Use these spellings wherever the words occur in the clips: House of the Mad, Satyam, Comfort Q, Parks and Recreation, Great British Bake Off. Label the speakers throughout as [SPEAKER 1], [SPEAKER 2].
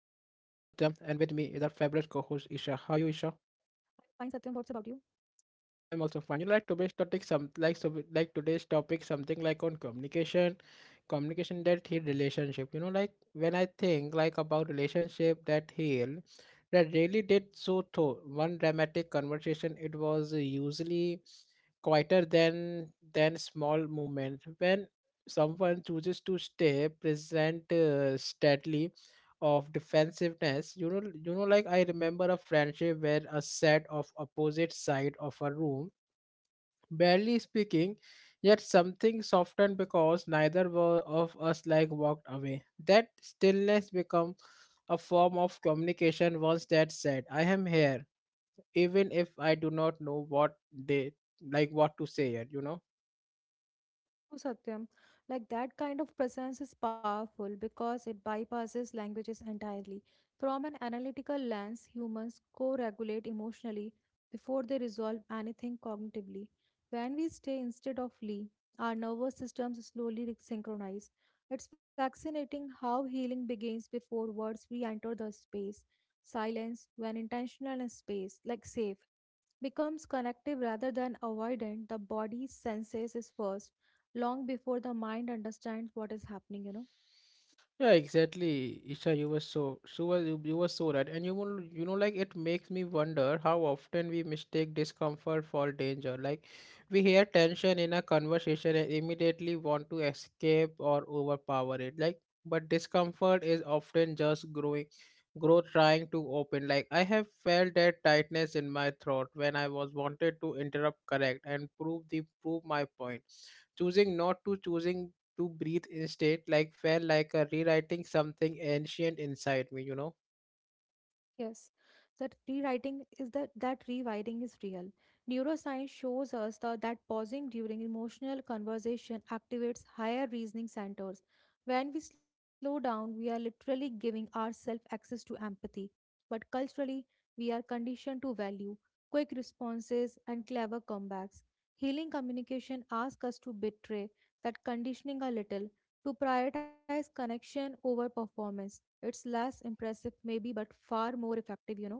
[SPEAKER 1] is our fabulous co-host Isha. How are you, Isha?
[SPEAKER 2] Fine, Satyam, what's about you?
[SPEAKER 1] I'm also fine. You like today's topic, some like so like today's topic something like on communication, communication that heal relationship. You know, like when I think like about relationship that heal that really did so thought one dramatic conversation, it was usually quieter than small movement when someone chooses to stay present steadily of defensiveness, you know, like I remember a friendship where a set of opposite side of a room, barely speaking, yet something softened because neither were of us like walked away. That stillness become a form of communication once that said I am here, even if I do not know what they like what to say yet, you know.
[SPEAKER 2] Oh, Satyam, like that kind of presence is powerful because it bypasses languages entirely. From an analytical lens, humans co regulate emotionally before they resolve anything cognitively. When we stay instead of flee, our nervous systems slowly synchronize. It's fascinating how healing begins before words re enter the space. Silence, when intentional and space, like safe, becomes connective rather than avoidant. The body senses is first long before the mind understands what is happening.
[SPEAKER 1] Yeah, exactly, Isha. You were so you were so right, and you will you know like it makes me wonder how often we mistake discomfort for danger. Like we hear tension in a conversation and immediately want to escape or overpower it. Like but discomfort is often just growing, growth trying to open. Like I have felt that tightness in my throat when I was wanted to interrupt, correct, and prove the prove my point, choosing not to, choosing to breathe instead, like felt like rewriting something ancient inside me, you know?
[SPEAKER 2] Yes, that rewriting is that rewiring is real. Neuroscience shows us that pausing during emotional conversation activates higher reasoning centers. When we slow down, we are literally giving ourselves access to empathy. But culturally, we are conditioned to value quick responses and clever comebacks. Healing communication asks us to betray that conditioning a little, to prioritize connection over performance. It's less impressive, maybe, but far more effective, you know.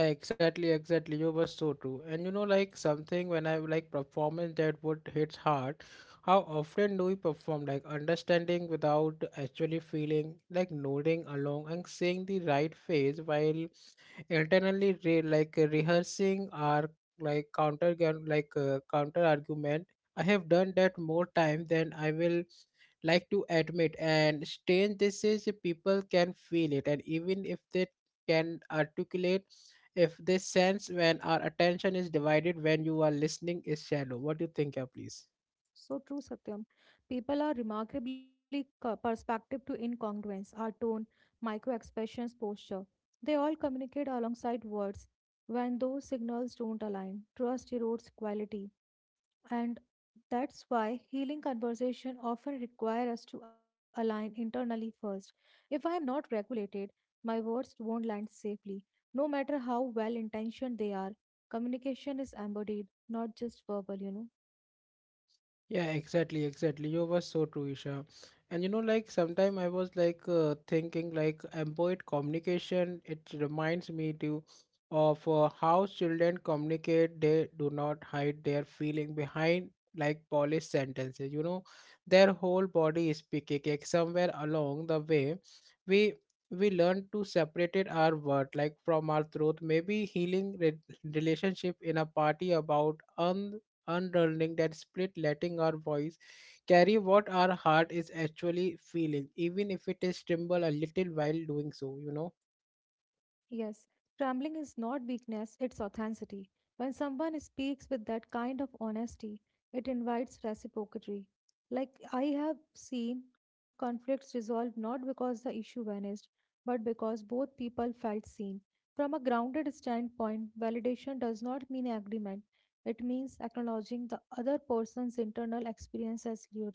[SPEAKER 1] Yeah, exactly, exactly. You were so true. And you know, like something when I like performance that would hit hard, how often do we perform like understanding without actually feeling, like nodding along and saying the right phrase while internally rehearsing or like counter argument. I have done that more time than I will like to admit, and strange this is, people can feel it, and even if they can articulate, if this sense when our attention is divided, when you are listening is shallow. What do you think? Yeah, please.
[SPEAKER 2] So true, Satyam. People are remarkably perspective to incongruence, our tone, micro expressions, posture. They all communicate alongside words when those signals don't align. Trust erodes quality. And that's why healing conversation often require us to align internally first. If I am not regulated, my words won't land safely, no matter how well intentioned they are. Communication is embodied, not just verbal, you know.
[SPEAKER 1] Yeah, exactly, exactly. You were so true, Isha. And you know, like sometime I was like thinking like employed communication. It reminds me to of how children communicate. They do not hide their feeling behind like polished sentences. You know, their whole body is speaking. Like somewhere along the way, we learn to separate it our word like from our truth. Maybe healing re relationship in a party about unraveling that split, letting our voice carry what our heart is actually feeling, even if it is tremble a little while doing so, you know.
[SPEAKER 2] Yes, trembling is not weakness, it's authenticity. When someone speaks with that kind of honesty, it invites reciprocity. Like I have seen conflicts resolved not because the issue vanished, but because both people felt seen. From a grounded standpoint, validation does not mean agreement. It means acknowledging the other person's internal experience as real.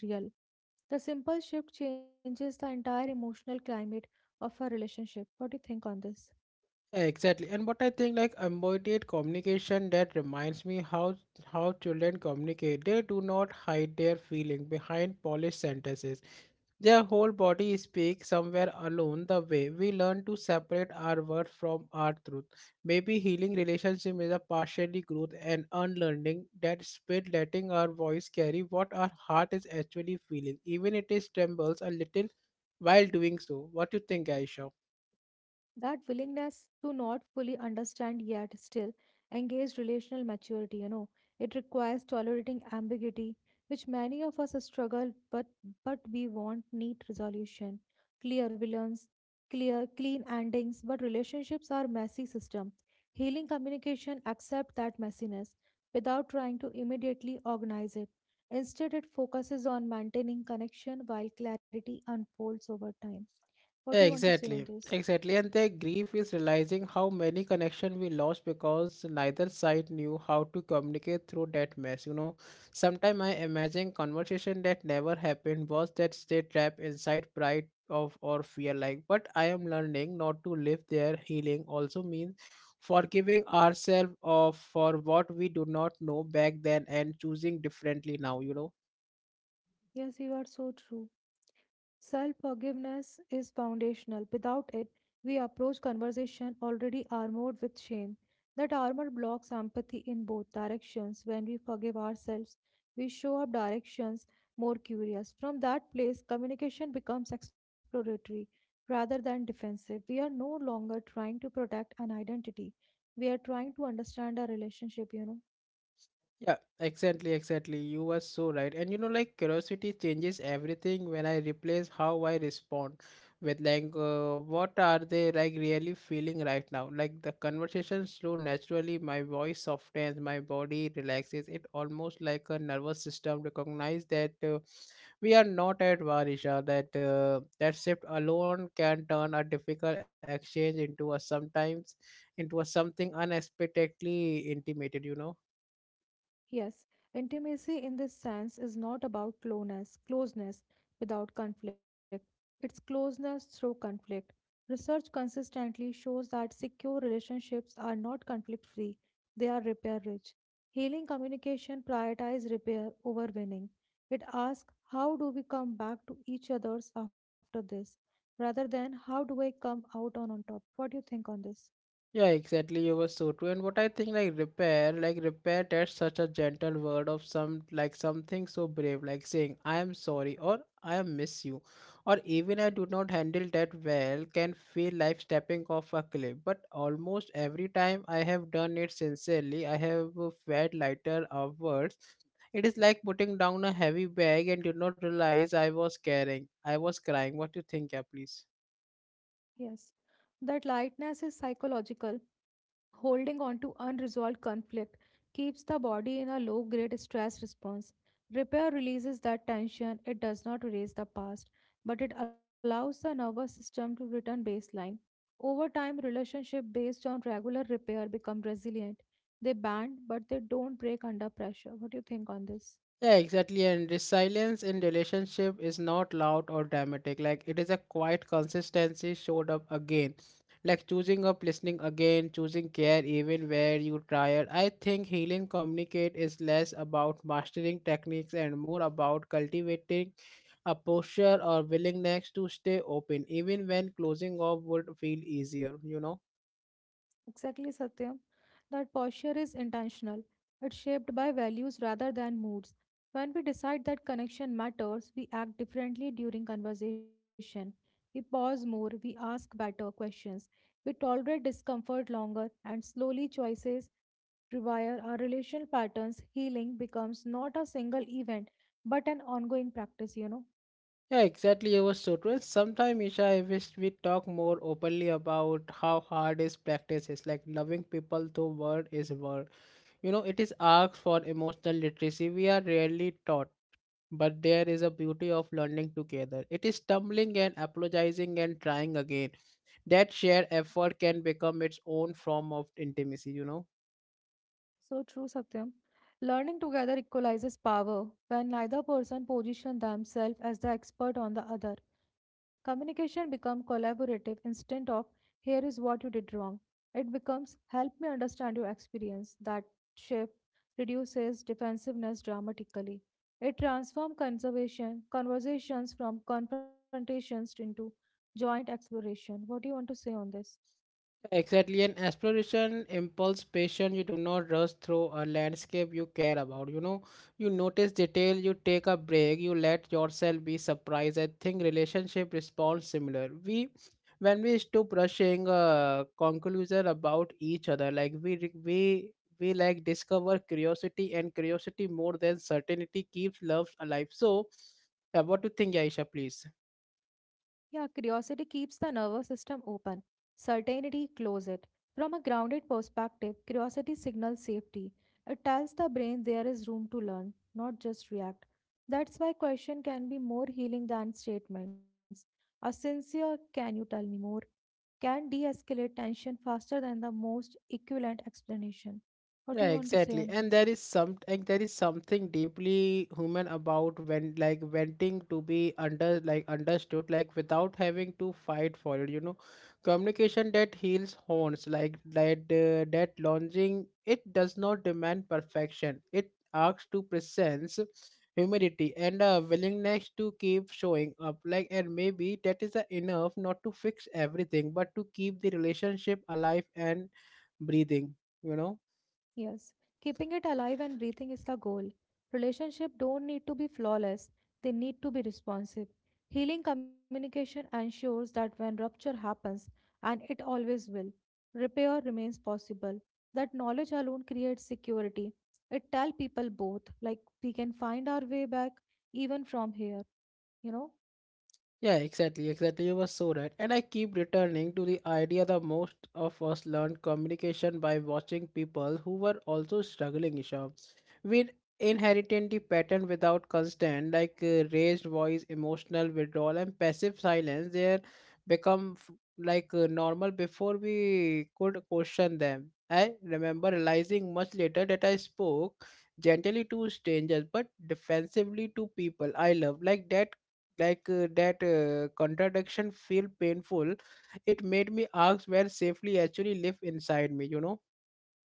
[SPEAKER 2] The simple shift changes the entire emotional climate of a relationship. What do you think on this?
[SPEAKER 1] Yeah, exactly. And what I think, like embodied communication, that reminds me how children communicate. They do not hide their feeling behind polished sentences. Their whole body speaks somewhere alone the way we learn to separate our words from our truth. Maybe healing relationship is a partially growth and unlearning that spirit, letting our voice carry what our heart is actually feeling, even it is trembles a little while doing so. What do you think, Aisha?
[SPEAKER 2] That willingness to not fully understand yet still engage relational maturity, you know, it requires tolerating ambiguity, which many of us struggle, but we want neat resolution, clear villains, clear clean endings. But relationships are messy system. Healing communication accept that messiness without trying to immediately organize it. Instead, it focuses on maintaining connection while clarity unfolds over time. What do you want to say on
[SPEAKER 1] Exactly,
[SPEAKER 2] this?
[SPEAKER 1] exactly. And their grief is realizing how many connections we lost because neither side knew how to communicate through that mess. You know, sometimes I imagine conversation that never happened was that stay trapped inside pride of or fear. Like, but I am learning not to live there. Healing also means forgiving ourselves of for what we do not know back then and choosing differently now. You know.
[SPEAKER 2] Yes, you are so true. Self forgiveness is foundational. Without it, we approach conversation already armored with shame. That armor blocks empathy in both directions. When we forgive ourselves, we show up directions more curious. From that place, communication becomes exploratory rather than defensive. We are no longer trying to protect an identity. We are trying to understand a relationship, you know.
[SPEAKER 1] Yeah, exactly, exactly. You were so right. And you know, like curiosity changes everything when I replace how I respond with like what are they like really feeling right now? Like the conversation flow naturally, my voice softens, my body relaxes. It almost like a nervous system recognize that we are not at war, Isha, that that shift alone can turn a difficult exchange into a sometimes into a something unexpectedly intimated, you know.
[SPEAKER 2] Yes, intimacy in this sense is not about closeness without conflict. It's closeness through conflict. Research consistently shows that secure relationships are not conflict free, they are repair rich. Healing communication prioritizes repair over winning. It asks, "How do we come back to each other's after this?" rather than "How do I come out on top?" What do you think on this?
[SPEAKER 1] Yeah, exactly. You were so true. And what I think, like repair, that's such a gentle word of some, like something so brave, like saying "I am sorry" or "I am miss you," or even "I do not handle that well," can feel like stepping off a cliff. But almost every time I have done it sincerely, I have felt lighter afterwards. It is like putting down a heavy bag and did not realize I was carrying. I was crying. What do you think? Yeah, please.
[SPEAKER 2] Yes. That lightness is psychological. Holding on to unresolved conflict keeps the body in a low grade stress response. Repair releases that tension, it does not erase the past, but it allows the nervous system to return baseline. Over time, relationships based on regular repair become resilient. They bend, but they don't break under pressure. What do you think on this?
[SPEAKER 1] Yeah, exactly. And the silence in relationship is not loud or dramatic. Like it is a quiet consistency showed up again. Like choosing up listening again, choosing care even where you tired. I think healing communicate is less about mastering techniques and more about cultivating a posture or willingness to stay open even when closing off would feel easier, you know.
[SPEAKER 2] Exactly, Satyam. That posture is intentional. It's shaped by values rather than moods. When we decide that connection matters, we act differently during conversation. We pause more, we ask better questions. We tolerate discomfort longer, and slowly choices rewire our relational patterns. Healing becomes not a single event, but an ongoing practice, you know.
[SPEAKER 1] Yeah, exactly. It was so true. Sometimes Isha, I wish we talk more openly about how hard is practice is, like loving people through word is word. You know, it is asked for emotional literacy. We are rarely taught, but there is a beauty of learning together. It is stumbling and apologizing and trying again. That shared effort can become its own form of intimacy. You know.
[SPEAKER 2] So true, Satyam. Learning together equalizes power when neither person positions themselves as the expert on the other. Communication becomes collaborative instead of "here is what you did wrong." It becomes "help me understand your experience." That shift reduces defensiveness dramatically. It transforms conservation conversations from confrontations into joint exploration. What do you want to say on this?
[SPEAKER 1] Exactly, an exploration impulse patient. You do not rush through a landscape you care about. You know, you notice detail, you take a break, you let yourself be surprised. I think relationship responds similar. When we stop rushing a conclusion about each other, like we re- we like discover curiosity, and curiosity more than certainty keeps love alive. So, yeah, what do you think, Aisha? Please.
[SPEAKER 2] Yeah, curiosity keeps the nervous system open, certainty closes it. From a grounded perspective, curiosity signals safety. It tells the brain there is room to learn, not just react. That's why question can be more healing than statements. A sincere "can you tell me more" can de-escalate tension faster than the most equivalent explanation. What do
[SPEAKER 1] Yeah,
[SPEAKER 2] you want to say
[SPEAKER 1] exactly.
[SPEAKER 2] on
[SPEAKER 1] And
[SPEAKER 2] this?
[SPEAKER 1] there is some like there is something deeply human about when like wanting to be understood like without having to fight for it, you know. Communication that heals horns like that that launching it does not demand perfection. It asks to presence, humility and a willingness to keep showing up like, and maybe that is enough not to fix everything but to keep the relationship alive and breathing, you know.
[SPEAKER 2] Yes, keeping it alive and breathing is the goal. Relationships don't need to be flawless, they need to be responsive. Healing communication ensures that when rupture happens, and it always will, repair remains possible. That knowledge alone creates security. It tells people both, like, we can find our way back even from here, you know?
[SPEAKER 1] Yeah, exactly, exactly. You were so right. And I keep returning to the idea that most of us learned communication by watching people who were also struggling, Isha. We inherited the pattern without constant, like raised voice, emotional withdrawal, and passive silence. They become normal before we could question them. I remember realizing much later that I spoke gently to strangers but defensively to people I love. Like that contradiction feel painful. It made me ask where safely actually live inside me, you know.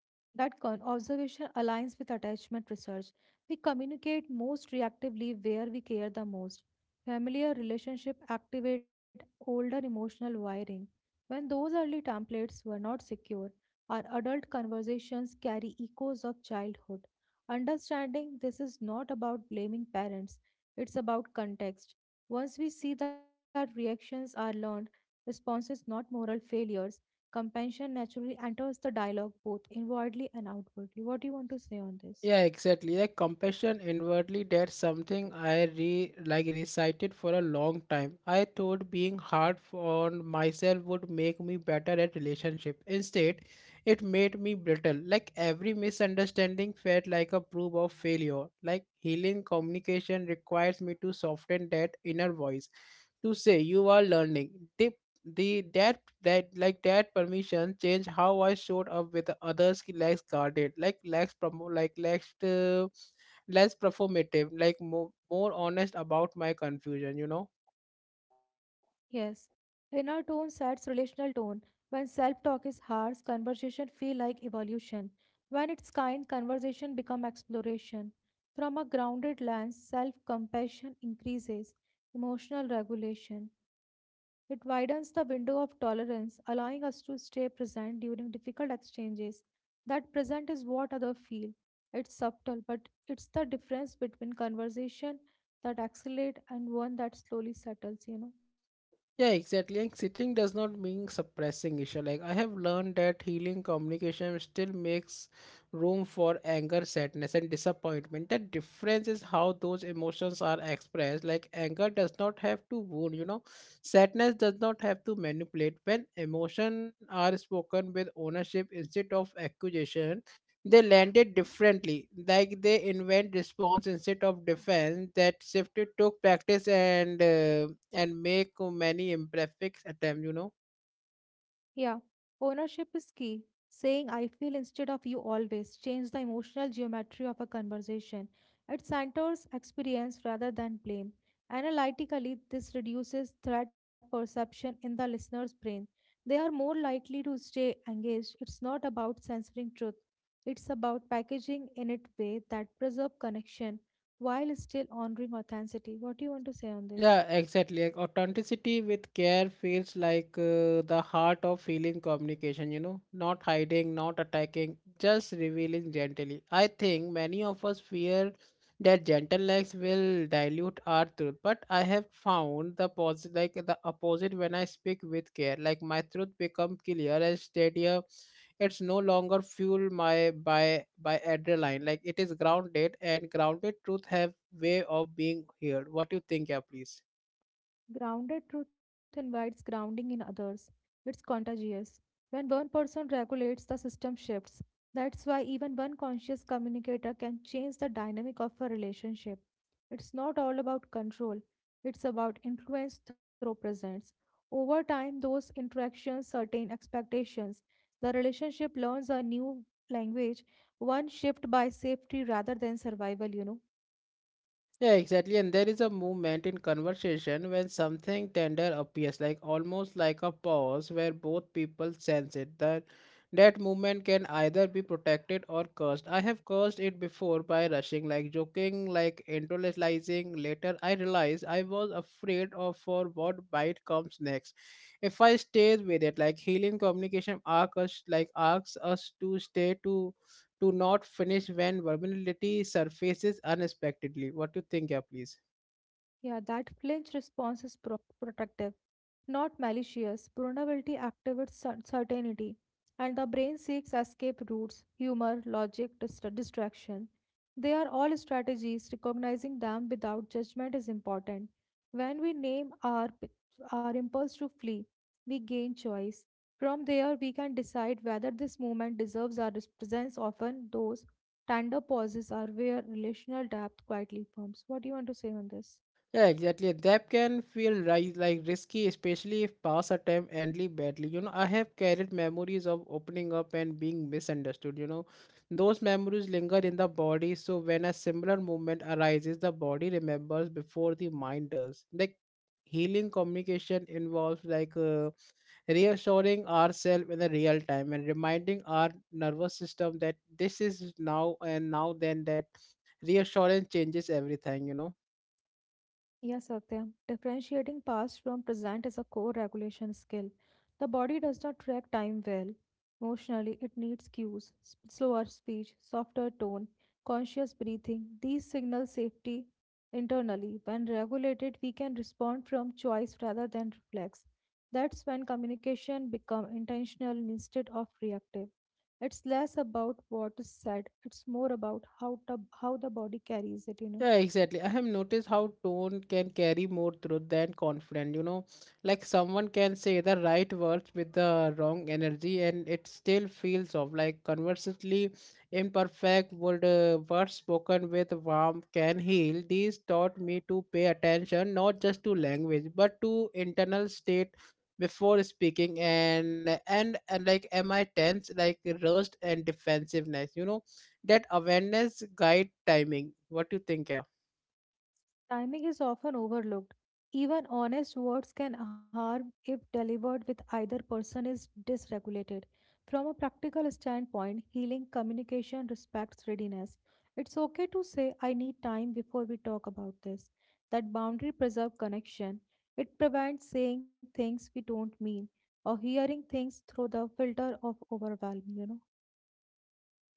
[SPEAKER 2] Observation aligns with attachment research. We communicate most reactively where we care the most. Familiar relationship activate older emotional wiring. When those early templates were not secure, our adult conversations carry echoes of childhood. Understanding this is not about blaming parents, it's about context. Once we see that reactions are learned, responses not moral failures, compassion naturally enters the dialogue both inwardly and outwardly. What do you want to say on this?
[SPEAKER 1] Yeah, exactly. Like compassion inwardly, that's something I re like recited for a long time. I thought being hard on myself would make me better at relationship. Instead, it made me brittle. Like every misunderstanding felt like a proof of failure. Like healing communication requires me to soften that inner voice to say you are learning. Dip the that that like That permission changed how I showed up with the others ki less guarded, like less promo, less performative, like more honest about my confusion. You know.
[SPEAKER 2] Yes, inner tone sets relational tone. When self-talk is harsh, conversation feel like evolution. When it's kind, conversation become exploration. From a grounded lens, self-compassion increases emotional regulation. It widens the window of tolerance, allowing us to stay present during difficult exchanges. That present is what others feel. It's subtle, but it's the difference between conversation that accelerate and one that slowly settles, you know.
[SPEAKER 1] Yeah, exactly. And sitting does not mean suppressing, Isha. Like I have learned that healing communication still makes room for anger, sadness, and disappointment. The difference is how those emotions are expressed. Like anger does not have to wound, you know. Sadness does not have to manipulate. When emotion are spoken with ownership instead of accusation, they landed differently, like they invent response instead of defense. That shift took practice and make many imperfect attempts. You know.
[SPEAKER 2] Yeah, ownership is key. Saying "I feel" instead of "you always" change the emotional geometry of a conversation. It centers experience rather than blame. Analytically, this reduces threat perception in the listener's brain. They are more likely to stay engaged. It's not about censoring truth, it's about packaging in it way that preserve connection while still honoring authenticity. What do you want to say on this?
[SPEAKER 1] Yeah, exactly. Like authenticity with care feels like the heart of feeling communication, you know, not hiding, not attacking, just revealing gently. I think many of us fear that gentle likes will dilute our truth, but I have found the positive, like the opposite, when I speak with care. Like my truth become clear and steadier. It's no longer fueled my by adrenaline. Like it is grounded, and grounded truth have way of being heard. What do you think? Yeah, please.
[SPEAKER 2] Grounded truth invites grounding in others. It's contagious. When one person regulates, the system shifts. That's why even one conscious communicator can change the dynamic of a relationship. It's not all about control, it's about influence through presence. Over time, those interactions certain expectations. The relationship learns a new language, one shaped by safety rather than survival, you know.
[SPEAKER 1] Yeah, exactly. And there is a movement in conversation when something tender appears, like almost like a pause where both people sense it. That movement can either be protected or cursed. I have cursed it before by rushing, like joking, like intellectualizing. Later, I realized I was afraid of for what might comes next. If I stayed with it, like healing communication arc us, like asks us to stay, to do not finish when vulnerability surfaces unexpectedly. What do you think? Yeah, please.
[SPEAKER 2] Yeah, that flinch response is protective, not malicious. Vulnerability activates certainty, and the brain seeks escape routes, humor, logic, distraction. They are all strategies. Recognizing them without judgment is important. When we name our impulse to flee, we gain choice. From there, we can decide whether this movement deserves our presence. Often, those tender pauses are where relational depth quietly forms. What do you want to say on this?
[SPEAKER 1] Yeah, exactly. That can feel risky, especially if past attempt endly badly. You know, I have carried memories of opening up and being misunderstood. You know, those memories linger in the body, so when a similar movement arises, the body remembers before the mind does. Like healing communication involves like. Reassuring ourselves in the real time and reminding our nervous system that this is now and now then that reassurance changes everything
[SPEAKER 2] Yeah, Satyam. Differentiating past from present is a core regulation skill. The body does not track time well. Emotionally, it needs cues, slower speech, softer tone, conscious breathing. These signal safety internally. When regulated, we can respond from choice rather than reflex. That's when communication becomes intentional instead of reactive. It's less about what is said. It's more about how the body carries it, you know.
[SPEAKER 1] Yeah, exactly. I have noticed how tone can carry more truth than confidence. You know, like someone can say the right words with the wrong energy, and it still feels off. Like conversely, imperfect would words spoken with warmth can heal. These taught me to pay attention not just to language but to internal state before speaking. And like, am I tense? Like rust and defensiveness. You know that awareness guide timing. What do you think? Yeah.
[SPEAKER 2] Timing is often overlooked. Even honest words can harm if delivered with either person is dysregulated. From a practical standpoint, healing communication respects readiness. It's okay to say, "I need time before we talk about this." That boundary preserves connection. It prevents saying things we don't mean or hearing things through the filter of overwhelm, you know?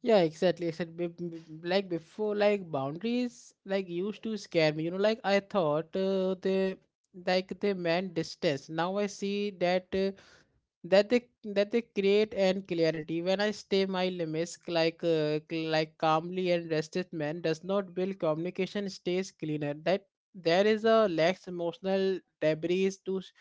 [SPEAKER 1] Yeah, exactly. Except like before, like boundaries like used to scare me. You know, like I thought they like they meant distance. Now I see that. That they that they create and clarity when I stay my limits like like calmly and rested man does not build communication stays cleaner that there is a less emotional debris to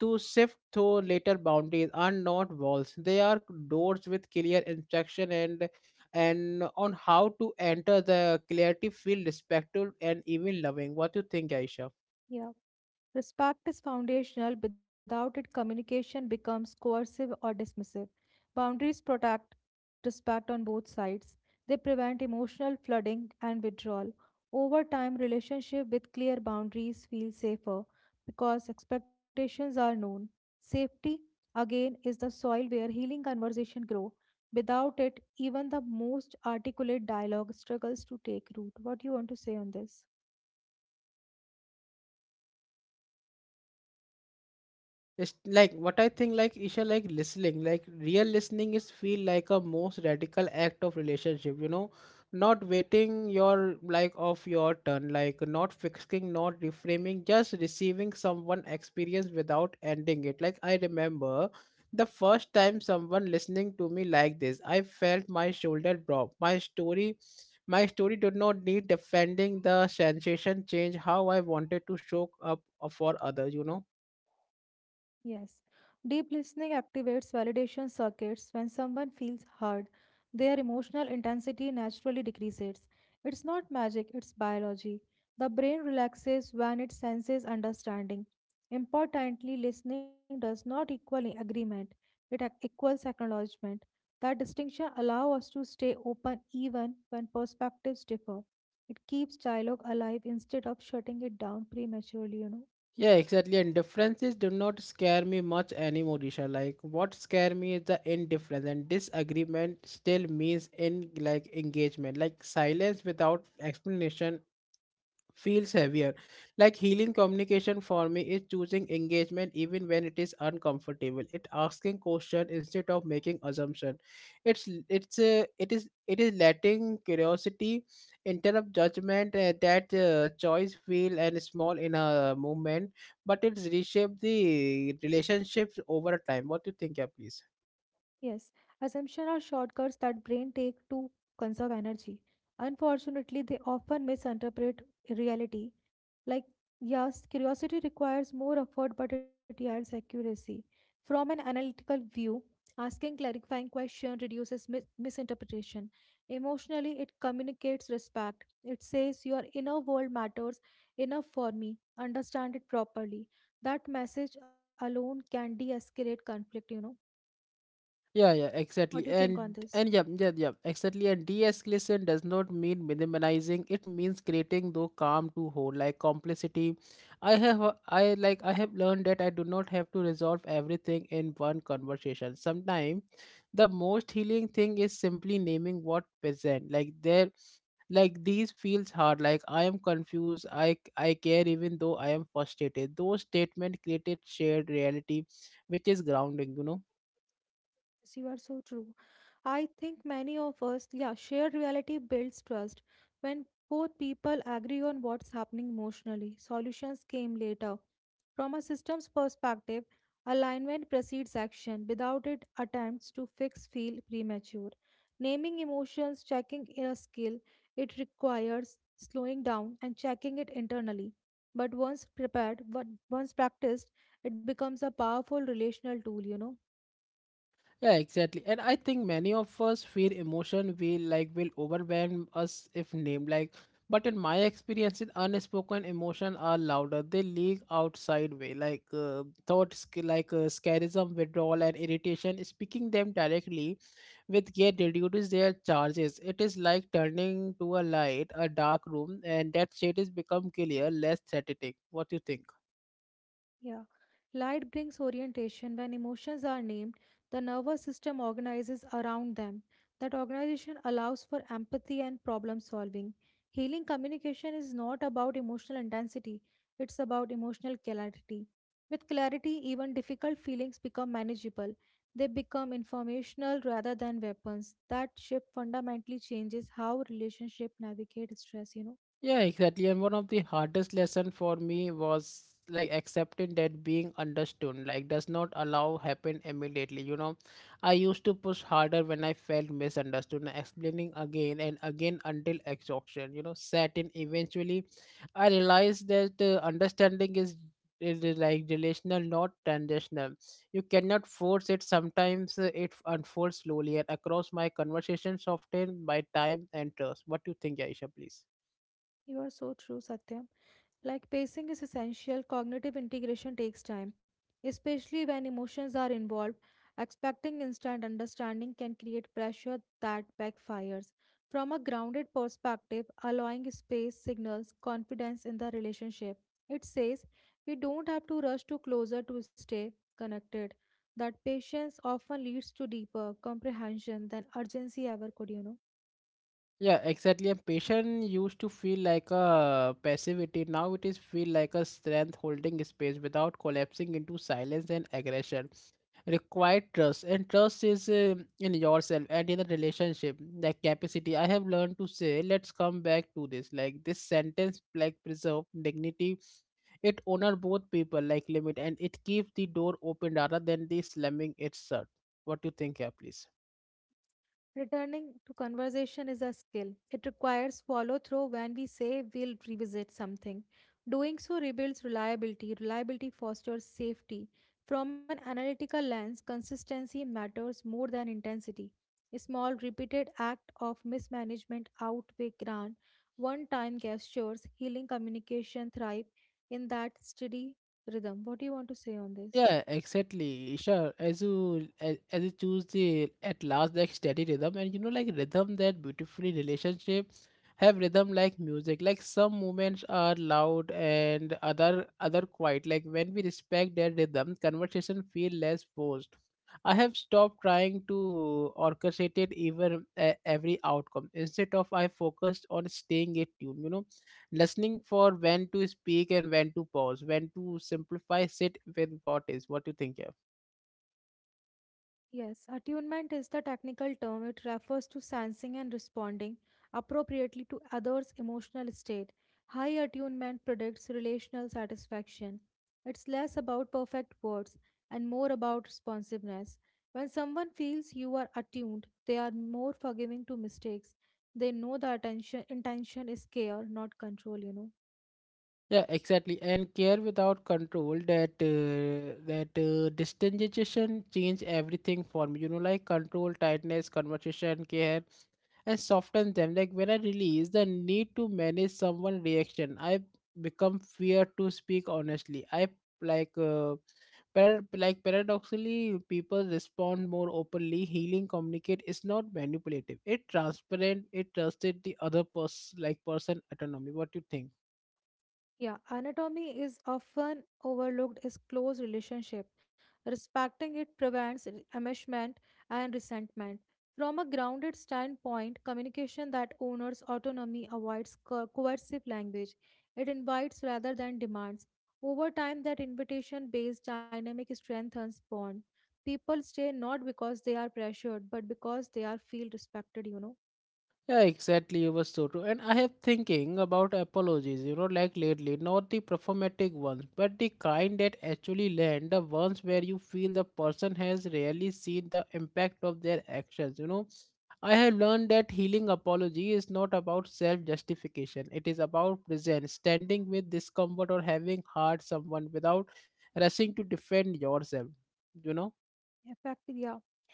[SPEAKER 1] to sift through later boundaries are not walls they are doors with clear instruction and on how to enter the clarity feel respectful and even loving what do you think aisha?
[SPEAKER 2] Yeah. Respect is foundational. Without it, communication becomes coercive or dismissive. Boundaries protect respect on both sides. They prevent emotional flooding and withdrawal. Over time, relationship with clear boundaries feel safer because expectations are known. Safety, again, is the soil where healing conversation grow. Without it, even the most articulate dialogue struggles to take root. What do you want to say on this?
[SPEAKER 1] It's like what I think like Isha like listening like real listening is feel like a most radical act of relationship you know not waiting your like of your turn like not fixing not reframing just receiving someone experience without ending it like I remember the first time someone listening to me like this I felt my shoulder drop my story did not need defending the sensation change how I wanted to show up for others you know.
[SPEAKER 2] Yes. Deep listening activates validation circuits. When someone feels heard, their emotional intensity naturally decreases. It's not magic, it's biology. The brain relaxes when it senses understanding. Importantly, listening does not equal agreement, it equals acknowledgement. That distinction allows us to stay open even when perspectives differ. It keeps dialogue alive instead of shutting it down prematurely, you know.
[SPEAKER 1] Yeah, exactly. And differences do not scare me much anymore, Disha. Like what scare me is the indifference and disagreement still means in like engagement. Like silence without explanation feels heavier. Like healing communication for me is choosing engagement even when it is uncomfortable. It asking question instead of making assumption. It is letting curiosity interrupt judgment. That choice feel and small in a moment, but it's reshaped the relationships over time. What do you think, yeah, please?
[SPEAKER 2] Yes, assumptions are shortcuts that brain take to conserve energy. Unfortunately, they often misinterpret reality. Like, yes, curiosity requires more effort, but it yields accuracy. From an analytical view, asking clarifying question reduces misinterpretation. Emotionally, it communicates respect. It says your inner world matters enough for me. Understand it properly. That message alone can de-escalate conflict, you know.
[SPEAKER 1] Yeah,
[SPEAKER 2] What do you
[SPEAKER 1] exactly.
[SPEAKER 2] think on
[SPEAKER 1] And
[SPEAKER 2] this?
[SPEAKER 1] and yeah, yeah, yeah, exactly. And de-escalation does not mean minimizing. It means creating the calm to hold, like complicity. I have learned that I do not have to resolve everything in one conversation. Sometimes the most healing thing is simply naming what present. Like there like these feels hard, like I am confused, I care even though I am frustrated. Those statements created shared reality, which is grounding, you know.
[SPEAKER 2] Yes, you are so true. I think many of us, yeah, shared reality builds trust. When both people agree on what's happening emotionally, solutions came later. From a systems perspective, alignment precedes action. Without it, attempts to fix feel premature. Naming emotions, checking in a skill, it requires slowing down and checking it internally. But once prepared, but once practiced, it becomes a powerful relational tool, you know.
[SPEAKER 1] Yeah, exactly. And I think many of us fear emotion will overwhelm us if named. Like, but in my experience, in unspoken emotion are louder. They leak out sideway, like thoughts, like scarism, withdrawal, and irritation. Speaking them directly with care reduces their charges. It is like turning to a light, a dark room, and that shade is become clear, less threatening. What do you think?
[SPEAKER 2] Yeah. Light brings orientation. When emotions are named, the nervous system organizes around them. That organization allows for empathy and problem solving. Healing communication is not about emotional intensity, it's about emotional clarity. With clarity, even difficult feelings become manageable. They become informational rather than weapons. That shift fundamentally changes how relationship navigate stress, you know.
[SPEAKER 1] Yeah, exactly. And one of the hardest lesson for me was like accepting that being understood like does not allow happen immediately. You know, I used to push harder when I felt misunderstood, and explaining again and again until exhaustion. You know, set in. Eventually, I realized that understanding is like relational, not transactional. You cannot force it. Sometimes it unfolds slowly and across my conversations, often by time and trust. What do you think, Aisha? Please.
[SPEAKER 2] You are so true, Satya. Like pacing is essential, cognitive integration takes time, especially when emotions are involved. Expecting instant understanding can create pressure that backfires. From a grounded perspective, allowing space signals confidence in the relationship. It says we don't have to rush to closer to stay connected. That patience often leads to deeper comprehension than urgency ever could.
[SPEAKER 1] Yeah, exactly. And patience used to feel like a passivity. Now it is feel like a strength holding space without collapsing into silence and aggression. Required trust, and trust is in yourself and in the relationship. Like capacity, I have learned to say, let's come back to this. Like this sentence, like preserve dignity. It honor both people, like limit, and it keeps the door open rather than the slamming it shut. What do you think, yeah, please?
[SPEAKER 2] Returning to conversation is a skill. It requires follow through when we say we'll revisit something. Doing so rebuilds reliability. Reliability fosters safety. From an analytical lens, consistency matters more than intensity. A small repeated act of mismanagement outweigh grand one-time gestures. Healing communication thrive in that steady rhythm. What do you want to say on this?
[SPEAKER 1] Yeah, exactly. Sure. As you choose the at last like steady rhythm and you know like rhythm that beautifully relationship have rhythm like music. Like some movements are loud and other quiet. Like when we respect their rhythm, conversation feel less forced. I have stopped trying to orchestrate it even every outcome. Instead of I focused on staying in tune. You know listening for when to speak and when to pause when to simplify sit with what is what do you think yeah
[SPEAKER 2] Yes, attunement is the technical term. It refers to sensing and responding appropriately to others' emotional state. High attunement predicts relational satisfaction. It's less about perfect words and more about responsiveness. When someone feels you are attuned, they are more forgiving to mistakes. They know the attention intention is care, not control.
[SPEAKER 1] yeah exactly and care without control that distinction change everything for me you know like control tightness conversation care and soften them. Like when I release the need to manage someone' reaction, I become fear to speak honestly. Like uh, like paradoxically, people respond more openly. Healing communicate is not manipulative. It transparent. It trusted the other person like person autonomy. What you think?
[SPEAKER 2] Yeah, anatomy is often overlooked as close relationship. Respecting it prevents enmeshment and resentment. From a grounded standpoint, communication that honors autonomy avoids coercive language. It invites rather than demands. Over time, that invitation-based dynamic strengthens bond. People stay not because they are pressured, but because they are feel respected. You know,
[SPEAKER 1] Yeah, exactly. You were so true. And I have thinking about apologies, you know, like lately, not the performatic ones, but the kind that actually land, the ones where you feel the person has really seen the impact of their actions, you know. I have learned that healing apology is not about self justification. It is about presence, standing with discomfort or having hurt someone without rushing to defend yourself, you know.
[SPEAKER 2] effective. Yeah.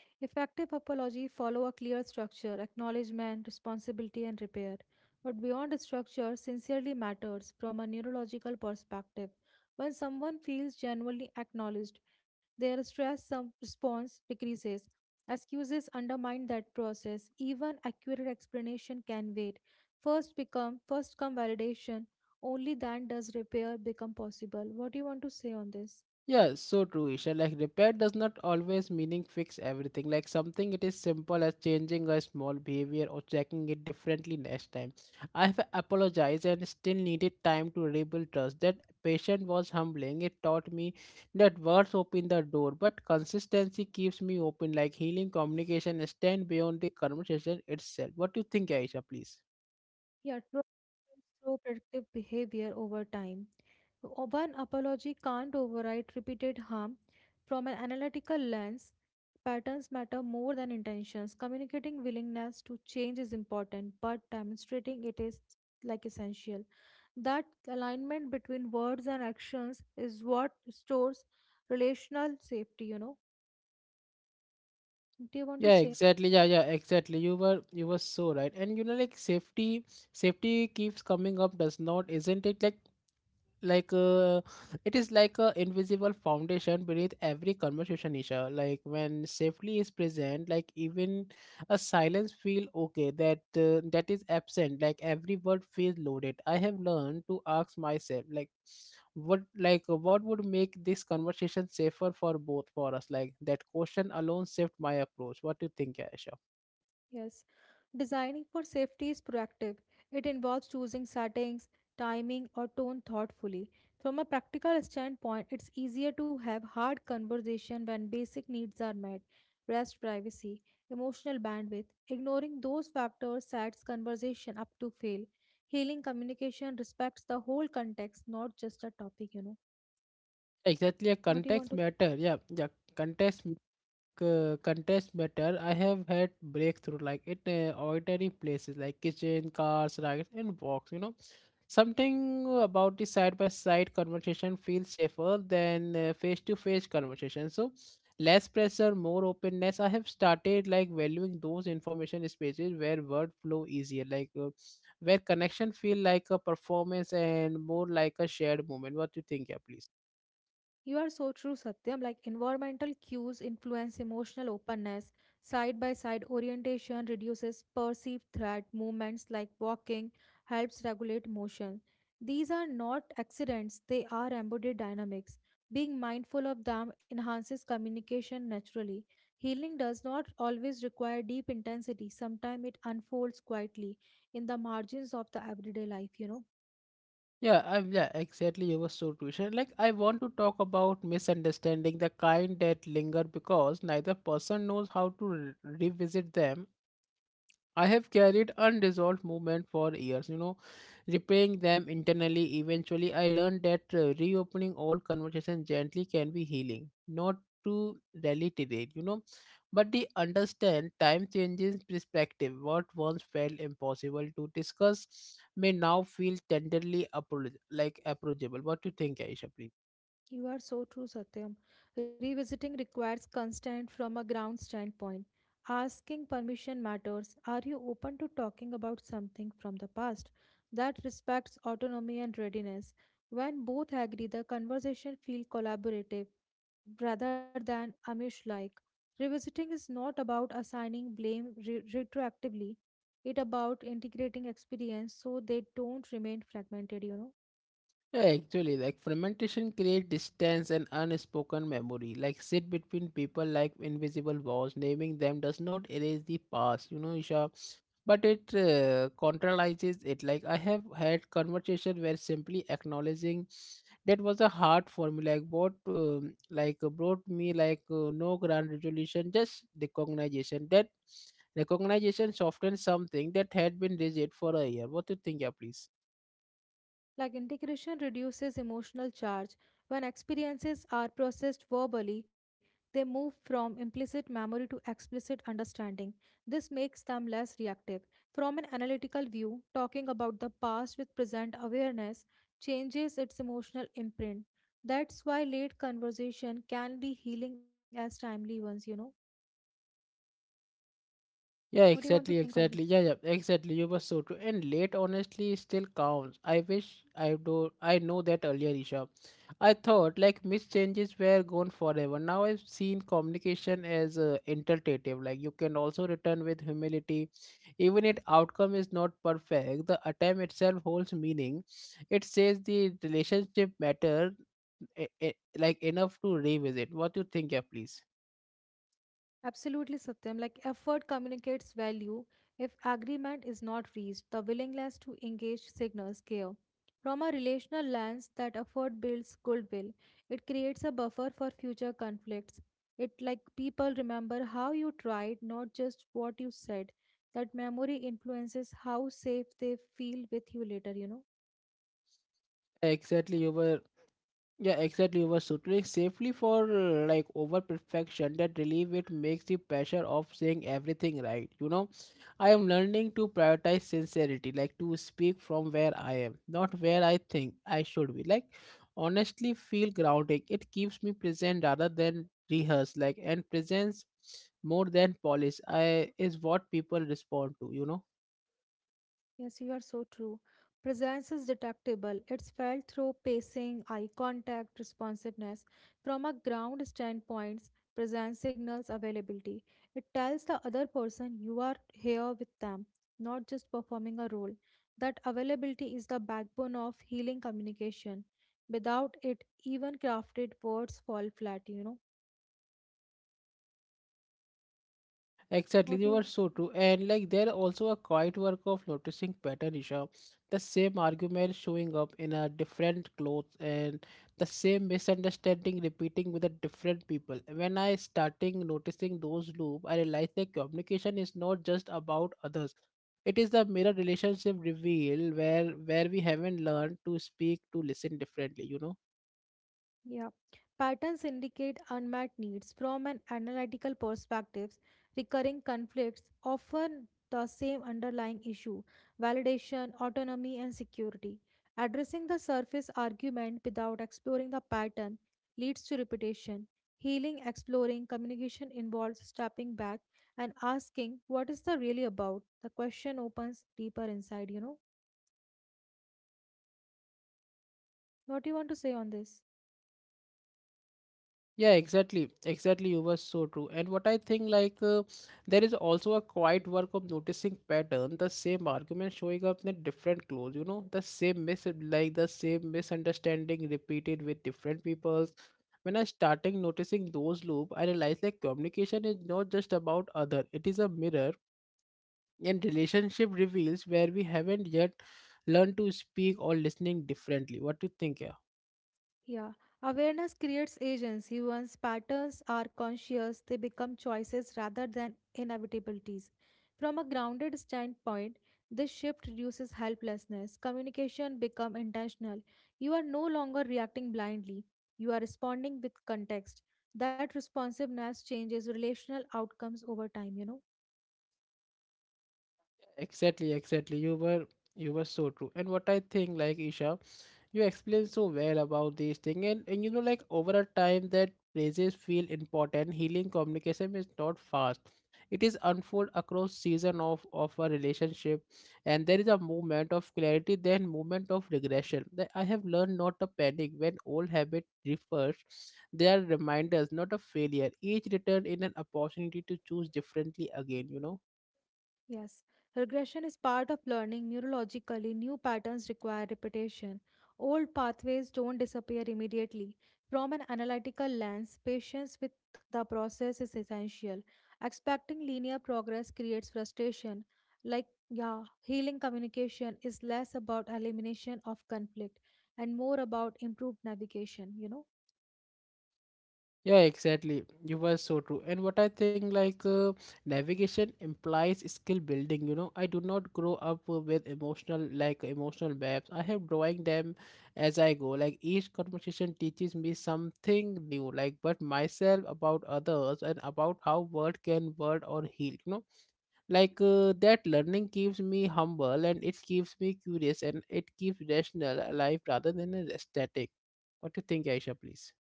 [SPEAKER 2] Effective apology follow a clear structure: acknowledgement, responsibility and repair. But beyond the structure, sincerely matters from a neurological perspective. When someone feels genuinely acknowledged, their response decreases. Excuses undermine that process. Even accurate explanation can wait. First become first come validation. Only then does repair become possible. What do you want to say on this?
[SPEAKER 1] Yeah, so true, Isha. Like repair does not always meaning fix everything. Like something it is simple as changing a small behavior or checking it differently next time. I have apologized and still needed time to rebuild trust. That patient was humbling. It taught me that words open the door, but consistency keeps me open. Like healing communication stand beyond the conversation itself. What do you think, Aisha, please?
[SPEAKER 2] Yeah, true through predictive behavior over time. One apology can't override repeated harm. From an analytical lens, patterns matter more than intentions. Communicating willingness to change is important, but demonstrating it is like essential. That alignment between words and actions is what restores relational safety. Do you want to
[SPEAKER 1] Yeah,
[SPEAKER 2] say?
[SPEAKER 1] exactly. Yeah, exactly. You were so right and you know like safety safety keeps coming up does not isn't it like like uh, it is like a invisible foundation beneath every conversation isha like when safely is present like even a silence feel okay that that is absent like every word feels loaded I have learned to ask myself like what would make this conversation safer for both for us like that question alone saved my approach what do you think aisha?
[SPEAKER 2] Yes. Designing for safety is proactive. It involves choosing settings, timing, or tone thoughtfully. From a practical standpoint, it's easier to have hard conversation when basic needs are met. Rest, privacy, emotional bandwidth. Ignoring those factors sets conversation up to fail. Healing communication respects the whole context, not just a topic, you know.
[SPEAKER 1] Exactly, a
[SPEAKER 2] What do you want
[SPEAKER 1] context
[SPEAKER 2] to
[SPEAKER 1] matter, yeah, yeah. Context, contest matter. I have had breakthrough like in ordinary places like kitchen, cars, rackets, and box. You know, something about the side by side conversation feels safer than face to face conversation. So less pressure, more openness. I have started like valuing those information spaces where word flow easier, like where connection feel like a performance and more like a shared moment. What do you think, yeah, please?
[SPEAKER 2] You are so true, Satyam. Like environmental cues influence emotional openness. Side by side orientation reduces perceived threat. Movements like walking helps regulate motion. These are not accidents, they are embodied dynamics. Being mindful of them enhances communication naturally. Healing does not always require deep intensity, sometimes it unfolds quietly in the margins of the everyday life, you know.
[SPEAKER 1] Yeah, exactly. You were so true. Ishan. Like, I want to talk about misunderstanding, the kind that linger because neither person knows how to revisit them. I have carried unresolved movement for years, you know, repaying them internally. Eventually, I learned that reopening old conversations gently can be healing, not to reiterate, you know, but they understand time changes perspective. What once felt impossible to discuss may now feel tenderly like approachable. What do you think, Aisha, please?
[SPEAKER 2] You are so true, Satyam. Revisiting requires consent from a ground standpoint. Asking permission matters. Are you open to talking about something from the past that respects autonomy and readiness? When both agree, the conversation feels collaborative rather than Amish like. Revisiting is not about assigning blame retroactively, it about integrating experience so they don't remain fragmented, you know.
[SPEAKER 1] Yeah, actually, like fermentation creates distance and unspoken memory. Like sit between people like invisible walls. Naming them does not erase the past, you know, Isha. But it contrarises it. Like I have had conversation where simply acknowledging that was a hard for me. Like what, like brought me like no grand resolution, just recognition. That recognition softened something that had been rigid for a year. What do you think, yeah, please?
[SPEAKER 2] Like integration reduces emotional charge. When experiences are processed verbally, they move from implicit memory to explicit understanding. This makes them less reactive. From an analytical view, talking about the past with present awareness changes its emotional imprint. That's why late conversation can be healing as timely ones. What do
[SPEAKER 1] Yeah,
[SPEAKER 2] you want to think on this?
[SPEAKER 1] exactly. Yeah, exactly. You were so true. And late honestly still counts. I know that earlier, Isha. I thought like missed changes were gone forever. Now I've seen communication as interpretative. Like you can also return with humility. Even if outcome is not perfect, the attempt itself holds meaning. It says the relationship matter like enough to revisit. What you think, yeah, please?
[SPEAKER 2] Absolutely, Satyam. Like effort communicates value. If agreement is not reached, the willingness to engage signals care. From a relational lens, that effort builds goodwill. It creates a buffer for future conflicts. It like people remember how you tried, not just what you said. That memory influences how safe they feel with you later.
[SPEAKER 1] Exactly, you were Yeah, exactly. You were shooting safely for like over perfection. That relief it makes the pressure of saying everything right. You know, I am learning to prioritize sincerity, like to speak from where I am, not where I think I should be. Like, honestly, feel grounding. It keeps me present rather than rehearsed. Like, and presence more than polish. I is what people respond to. You know.
[SPEAKER 2] Yes, you are so true. Presence is detectable. It's felt through pacing, eye contact, responsiveness. From a ground standpoint, presence signals availability. It tells the other person you are here with them, not just performing a role. That availability is the backbone of healing communication. Without it, even crafted words fall flat.
[SPEAKER 1] Exactly,
[SPEAKER 2] What do
[SPEAKER 1] you are
[SPEAKER 2] you?
[SPEAKER 1] so true. And like there are also a quiet work of noticing pattern, Isha. The same argument showing up in a different clothes and the same misunderstanding repeating with a different people. When I starting noticing those loop, I realized that communication is not just about others. It is the mirror relationship reveal where we haven't learned to speak to listen differently, you know.
[SPEAKER 2] Yeah. Patterns indicate unmet needs from an analytical perspective, recurring conflicts, often the same underlying issue validation, autonomy, and security. Addressing the surface argument without exploring the pattern leads to repetition. Healing, exploring communication involves stepping back and asking, what is the really about? The question opens deeper inside, you know. What do you want to say on this?
[SPEAKER 1] Yeah, exactly. Exactly. You were so true. And what I think, like, there is also a quiet work of noticing pattern, the same argument showing up in different clothes, you know, the same mis like the same misunderstanding repeated with different peoples. When I starting noticing those loop, I realized like communication is not just about other, it is a mirror and relationship reveals where we haven't yet learned to speak or listening differently. What do you think, yeah?
[SPEAKER 2] Yeah, awareness creates agency. Once patterns are conscious, they become choices rather than inevitabilities. From a grounded standpoint, this shift reduces helplessness. Communication becomes intentional. You are no longer reacting blindly. You are responding with context. That responsiveness changes relational outcomes over time.
[SPEAKER 1] Exactly. You were so true. And what I think, like Isha, you explained so well about this thing, and you know, like over a time that praises feel important. Healing communication is not fast. It is unfold across season of a relationship, and there is a moment of clarity, then moment of regression. That I have learned not to panic when old habit refers. They are reminders, not a failure. Each return in an opportunity to choose differently again. You know.
[SPEAKER 2] Yes, regression is part of learning. Neurologically, new patterns require repetition. Old pathways don't disappear immediately. From an analytical lens, patience with the process is essential. Expecting linear progress creates frustration. Like, yeah, healing communication is less about elimination of conflict and more about improved navigation.
[SPEAKER 1] Yeah, exactly. You were so true. And what I think, like, navigation implies skill building. You know, I do not grow up with emotional, emotional maps. I have drawing them as I go. Like, each conversation teaches me something new, like, but myself about others and about how word can word or heal. You know, like, that learning keeps me humble and it keeps me curious and it keeps rational alive rather than a static. What do you think, Aisha, please?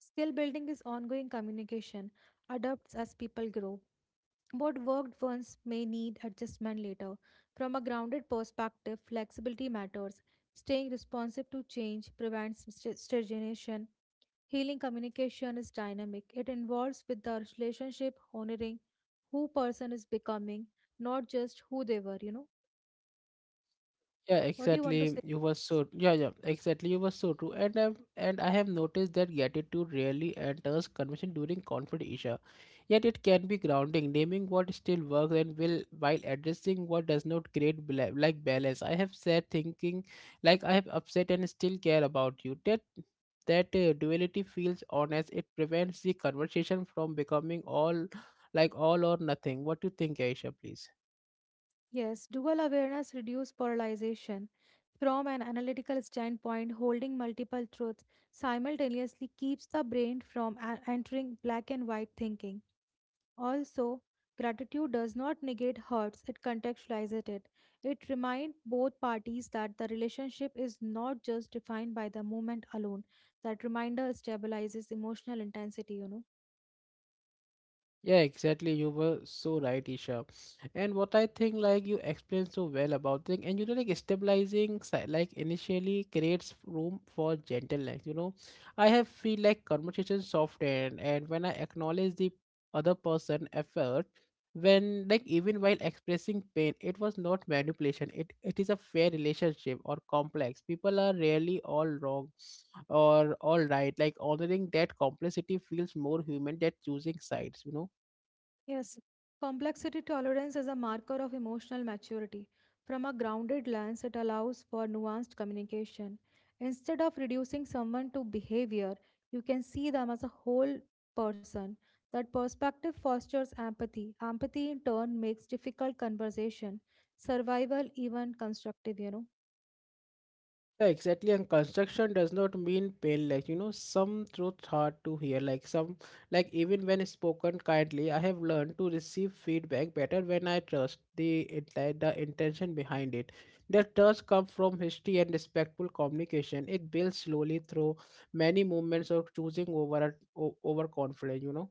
[SPEAKER 2] Skill building is ongoing communication, adapts as people grow. What worked once may need adjustment later. From a grounded perspective, flexibility matters. Staying responsive to change prevents stagnation. Healing communication is dynamic. It involves with the relationship honoring who person is becoming, not just who they were.
[SPEAKER 1] Yeah,
[SPEAKER 2] What do you want to
[SPEAKER 1] exactly.
[SPEAKER 2] say?
[SPEAKER 1] You were so yeah, yeah, exactly. You were so true. And I have noticed that gratitude rarely enters conversation during conflict issue. Yet it can be grounding, naming what still works and will while addressing what does not create balance. I have said thinking like I have upset and still care about you. That duality feels honest. It prevents the conversation from becoming all or nothing. What do you think, Aisha, please?
[SPEAKER 2] Yes, dual awareness reduces polarization. From an analytical standpoint, holding multiple truths simultaneously keeps the brain from entering black and white thinking. Also, gratitude does not negate hurts, it contextualizes it. It reminds both parties that the relationship is not just defined by the moment alone. That reminder stabilizes emotional intensity, you know.
[SPEAKER 1] Yeah, exactly. You were so right, Isha. And what I think, like you explained so well about thing, and you know, like initially creates room for gentleness. You know, I have feel like conversation soften, and when I acknowledge the other person effort, when like even while expressing pain, it was not manipulation. It is a fair relationship or complex. People are rarely all wrong or all right, like honoring that complexity feels more human than choosing sides, you know.
[SPEAKER 2] Yes, complexity tolerance is a marker of emotional maturity. From a grounded lens, it allows for nuanced communication. Instead of reducing someone to behavior, you can see them as a whole person. That perspective fosters empathy. Empathy, in turn, makes difficult conversation, survival, even constructive, you know.
[SPEAKER 1] Yeah, exactly, and construction does not mean pain, like, you know, some truth hard to hear, like even when spoken kindly, I have learned to receive feedback better when I trust the intention behind it. That trust comes from history and respectful communication. It builds slowly through many moments of choosing over confidence, you know.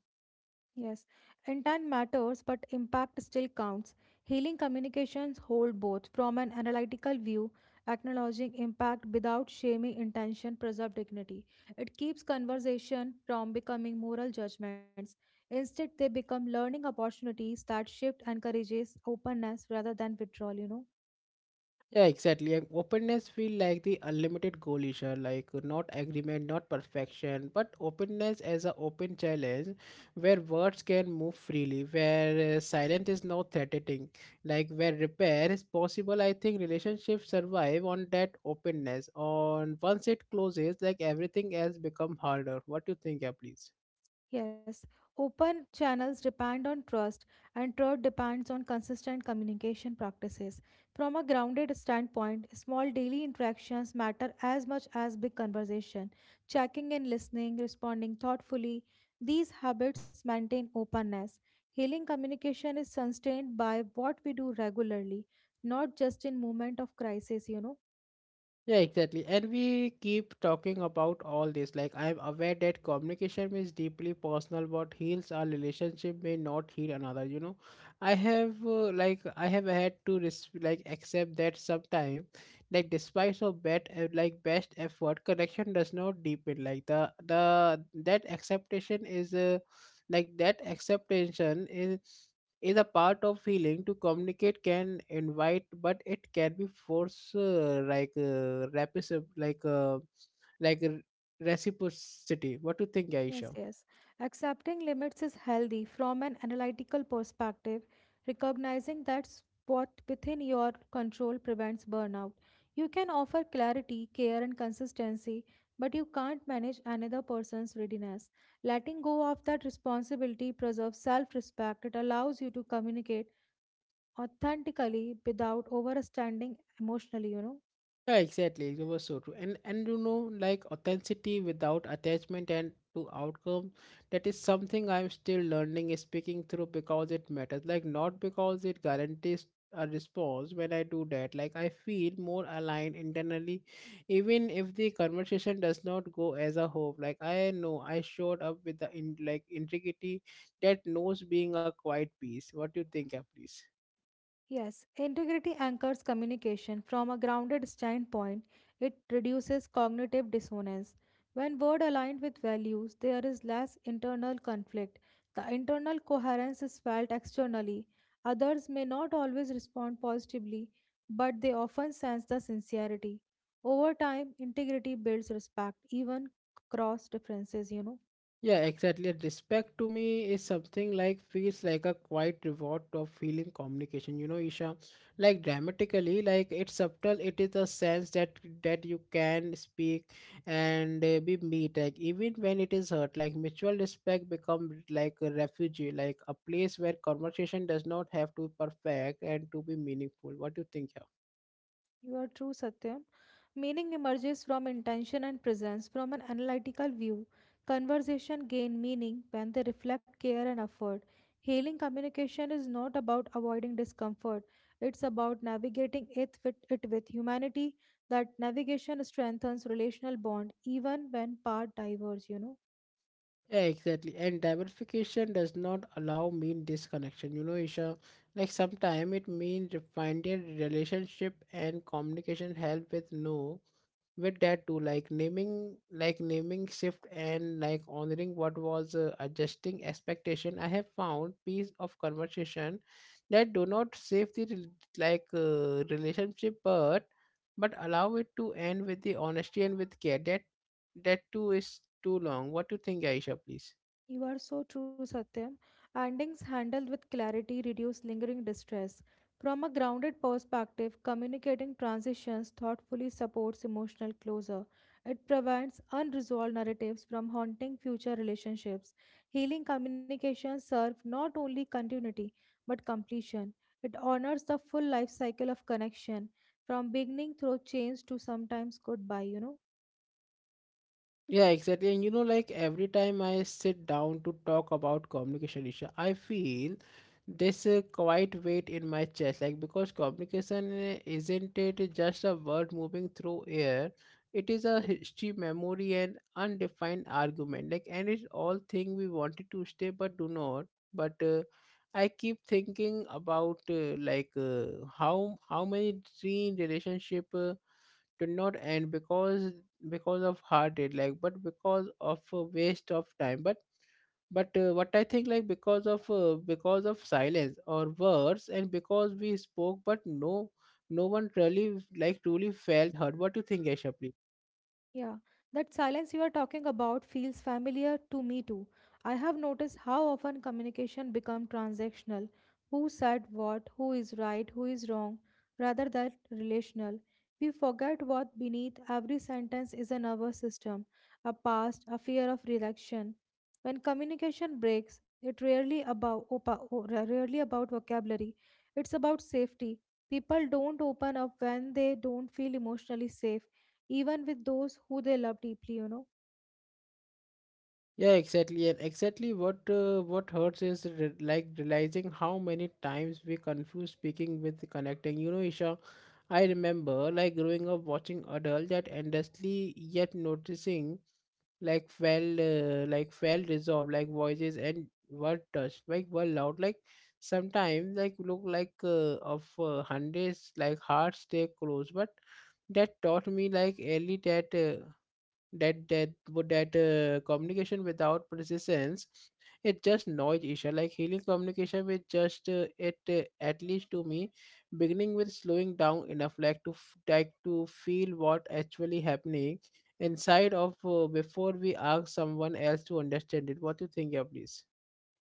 [SPEAKER 2] Yes, and time matters, but impact still counts. Healing communications hold both from an analytical view, acknowledging impact without shaming intention, preserve dignity. It keeps conversation from becoming moral judgments. Instead, they become learning opportunities that shift encourages openness rather than withdrawal.
[SPEAKER 1] Yeah, exactly. And openness feel like the unlimited coalition, like not agreement, not perfection, but openness as a open challenge where words can move freely, where silence is not threatening, like where repair is possible. I think relationships survive on that openness. On once it closes, like everything else become harder. What do you think, yeah, please?
[SPEAKER 2] Yes, open channels depend on trust, and trust depends on consistent communication practices. From a grounded standpoint, small daily interactions matter as much as big conversation. Checking in, listening, responding thoughtfully, these habits maintain openness. Healing communication is sustained by what we do regularly, not just in moment of crisis, you know.
[SPEAKER 1] Yeah, exactly. And we keep talking about all this. Like, I'm aware that communication is deeply personal. What heals our relationship may not heal another. You know, I have I have had to accept that sometime, like despite of bad like best effort, connection does not deepen. Like the that acceptation is like that acceptation is is a part of healing to communicate can invite but it can be force like rapis- like reciprocity. What do you think,
[SPEAKER 2] Yes,
[SPEAKER 1] Aisha?
[SPEAKER 2] yes. Accepting limits is healthy from an analytical perspective, recognizing that's what within your control prevents burnout. You can offer clarity, care, and consistency, but you can't manage another person's readiness. Letting go of that responsibility preserves self respect. It allows you to communicate authentically without overstanding emotionally.
[SPEAKER 1] Yeah, exactly. It was so true. And you know, like authenticity without attachment and to outcome, that is something I'm still learning is speaking through because it matters. Like not because it guarantees a response when I do that. Like I feel more aligned internally, even if the conversation does not go as a hope. Like I know I showed up with the in, like integrity that knows being a quiet piece. What do you think, yeah, please?
[SPEAKER 2] Yes, integrity anchors communication from a grounded standpoint. It reduces cognitive dissonance. When word aligned with values, there is less internal conflict. The internal coherence is felt externally. Others may not always respond positively, but they often sense the sincerity. Over time, integrity builds respect, even across differences, you know.
[SPEAKER 1] Yeah, exactly. And respect to me is something like feels like a quiet reward of feeling communication. You know, Isha, like dramatically, like it's subtle. It is a sense that you can speak and be meet. Like even when it is hurt, like mutual respect become like a refuge, like a place where conversation does not have to be perfect and to be meaningful. What do you think?
[SPEAKER 2] You are true, Satyam. Meaning emerges from intention and presence, from an analytical view. Conversation gain meaning when they reflect care and effort. Healing communication is not about avoiding discomfort. It's about navigating it with humanity. That navigation strengthens relational bond even when paths diverge, you know.
[SPEAKER 1] Yeah, exactly. And diversification does not allow mean disconnection. You know, Isha, like sometimes it means finding relationship and communication help with no with that too, like naming shift and like honoring what was, adjusting expectation. I have found piece of conversation that do not save the relationship, but allow it to end with the honesty and with care. That too is too long. What do you think, Aisha, please?
[SPEAKER 2] You are so true, Satyam. Endings handled with clarity reduce lingering distress. From a grounded perspective, communicating transitions thoughtfully supports emotional closure. It prevents unresolved narratives from haunting future relationships. Healing communications serve not only continuity but completion. It honors the full life cycle of connection, from beginning through change to sometimes goodbye.
[SPEAKER 1] Yeah, exactly. And you know, like every time I sit down to talk about communication issue, I feel this quite weight in my chest. Like because communication isn't it just a word moving through air? It is a history, memory, and undefined argument. Like, and it's all thing we wanted to stay but do not. But I keep thinking about how many dream relationship. Did not end because of heartache, like but because of a waste of time, but what I think, like because of silence or words and because we spoke but no one really truly felt hurt. What do you think, Aisha, please?
[SPEAKER 2] Yeah, that silence you are talking about feels familiar to me too. I have noticed how often communication becomes transactional. Who said what, who is right, who is wrong, rather than relational. We forget what beneath every sentence is a nervous system, a past, a fear of rejection. When communication breaks, it rarely about rarely about vocabulary. It's about safety. People don't open up when they don't feel emotionally safe even with those who they love deeply.
[SPEAKER 1] Yeah, exactly, and exactly what hurts is realizing how many times we confuse speaking with connecting. You know, Isha, I remember like growing up watching adults that endlessly yet noticing like fell resolved, like voices and were touched, like were loud, like sometimes like look like of hundreds, like hearts stay close, but that taught me like early that that that would that communication without persistence, it just noise issue. Like healing communication with just it at least to me, beginning with slowing down enough like to to feel what actually happening inside of before we ask someone else to understand it. What do you think, yeah, please?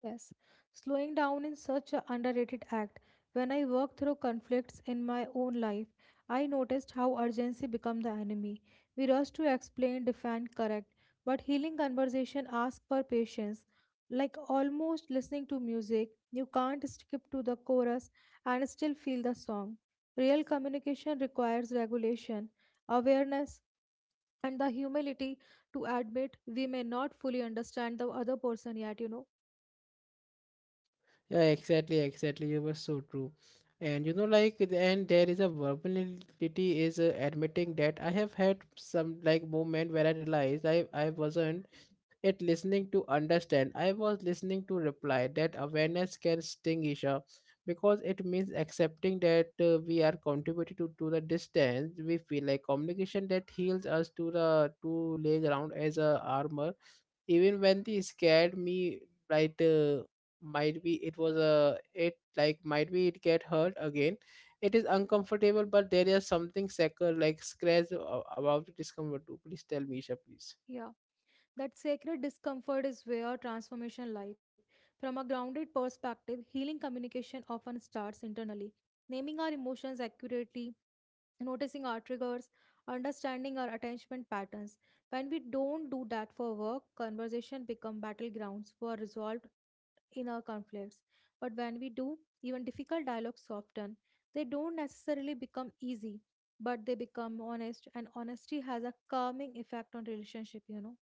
[SPEAKER 2] Yes, slowing down is such an underrated act. When I work through conflicts in my own life, I noticed how urgency become the enemy. We rush to explain, defend, correct, but healing conversation asks for patience. Like almost listening to music, you can't skip to the chorus and still feel the song. Real communication requires regulation, awareness, and the humility to admit we may not fully understand the other person yet,
[SPEAKER 1] Yeah, exactly, exactly. You were so true. And you know, like and there is a vulnerability is admitting that I have had some like moment where I realized I wasn't it listening to understand. I was listening to reply. That awareness can sting, Isha, because it means accepting that we are contributing to the distance we feel, like communication that heals us to the to lay ground as a armor even when they scared me. Right. Might be it was a it like might be it get hurt again. It is uncomfortable, but there is something sacred like about the discomfort too. Please tell me, Isha, please.
[SPEAKER 2] Yeah, that sacred discomfort is where transformation lies. From a grounded perspective, healing communication often starts internally. Naming our emotions accurately, noticing our triggers, understanding our attachment patterns. When we don't do that for work, conversation become battlegrounds for resolved inner conflicts. But when we do, even difficult dialogues soften. They don't necessarily become easy, but they become honest, and honesty has a calming effect on relationship.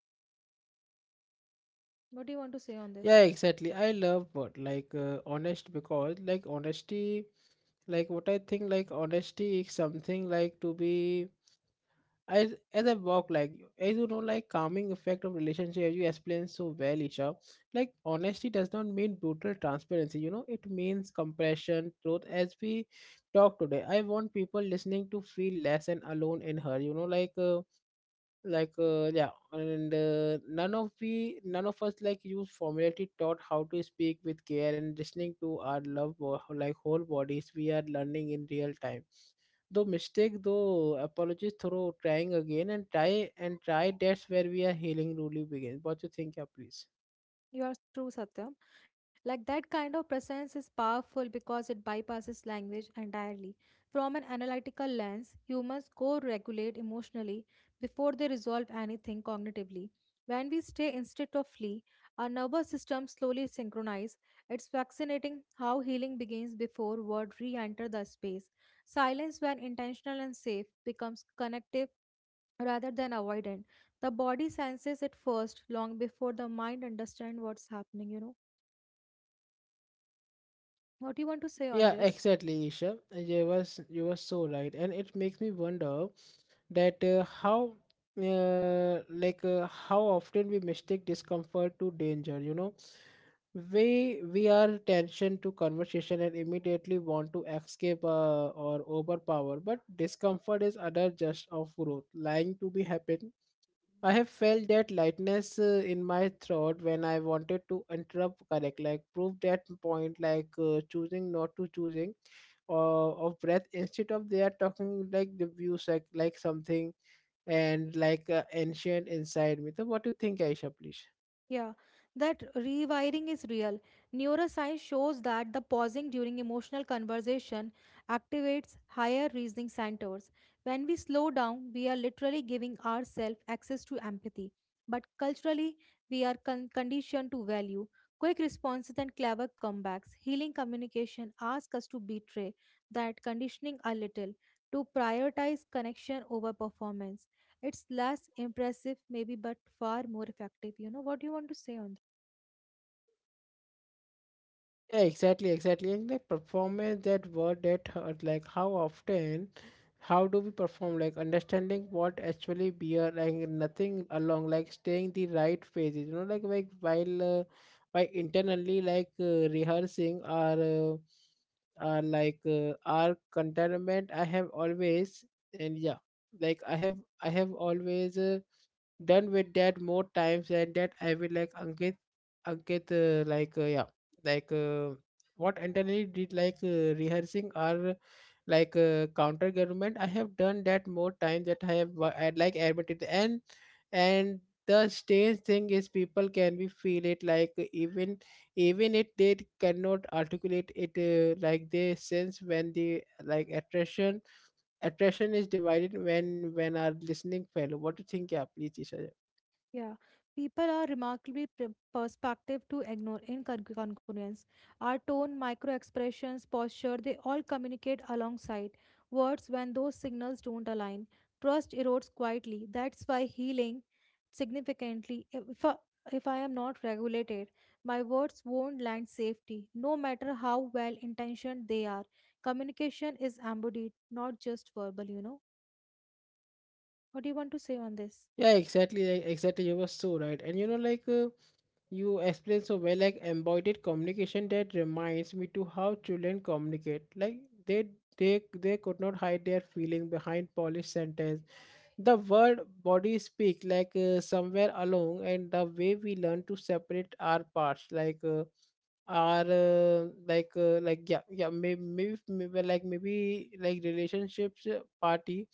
[SPEAKER 2] What do you want to say on
[SPEAKER 1] Yeah,
[SPEAKER 2] this?
[SPEAKER 1] exactly. I love what like honesty, like what I think like honesty is something like to be as I walk, like as you know, like calming effect of relationship, as you explained so well, Isha. Like honesty does not mean brutal transparency, you know, it means compassion truth. As we talk today, I want people listening to feel less and alone in her, you know, yeah. And none of us like use formality taught how to speak with care and listening to our love bo- like whole bodies. We are learning in real time, though mistake, though apologies, through trying again and try. That's where we are healing really begins. What you think, yeah, please?
[SPEAKER 2] You are true, Satyam. Like that kind of presence is powerful because it bypasses language entirely. From an analytical lens, humans co regulate emotionally before they resolve anything cognitively. When we stay instead of flee, our nervous system slowly synchronizes. It's fascinating how healing begins before words re enter the space. Silence, when intentional and safe, becomes connective rather than avoidant the body senses it first long before the mind understands what's happening. What do you want to say on
[SPEAKER 1] Yeah,
[SPEAKER 2] this?
[SPEAKER 1] exactly, Isha. You were so right, and it makes me wonder that how often we mistake discomfort to danger. You know, we are tension to conversation and immediately want to escape or overpower, but discomfort is other just of growth, lying to be happen. I have felt that lightness in my throat when I wanted to interrupt correct, like prove that point, like choosing not to choosing of breath instead of they are talking like the views like something and like ancient inside me. So what do you think, Aisha, please?
[SPEAKER 2] Yeah, that rewiring is real. Neuroscience shows that the pausing during emotional conversation activates higher reasoning centers. When we slow down, we are literally giving ourselves access to empathy. But culturally, we are conditioned to value quick responses and clever comebacks. Healing communication asks us to betray that conditioning a little, to prioritize connection over performance. It's less impressive, maybe, but far more effective. What do you want to say on?
[SPEAKER 1] Yeah, exactly, exactly. And the performance that word that hurt, like how often, how do we perform? Like understanding what actually beer, like nothing along, like staying the right phases. You know, like while by internally, rehearsing our contentment. And yeah, like I have I have always. Done with that more times and that I will, like Ankit Ankit like yeah like what internally did, rehearsing or counter government. I have done that more times that I like admitted. And the strange thing is people can be feel it, even if they cannot articulate it, like they sense when the attraction is divided, when are listening fellow. What do you think? Yeah, please, Isha?
[SPEAKER 2] Yeah, people are remarkably perspective to ignore in our tone, micro expressions, posture, they all communicate alongside words when those signals don't align. Trust erodes quietly. That's why healing significantly. If I am not regulated, my words won't land safety, no matter how well intentioned they are. Communication is embodied, not just verbal, What do you want to say on this?
[SPEAKER 1] Yeah, exactly. You were so right, and you know, you explained so well, like embodied communication, that reminds me to how children communicate. They, they could not hide their feeling behind polished sentence. The word body speak, somewhere along, and the way we learn to separate our parts, like our like yeah yeah maybe, maybe maybe like relationships party,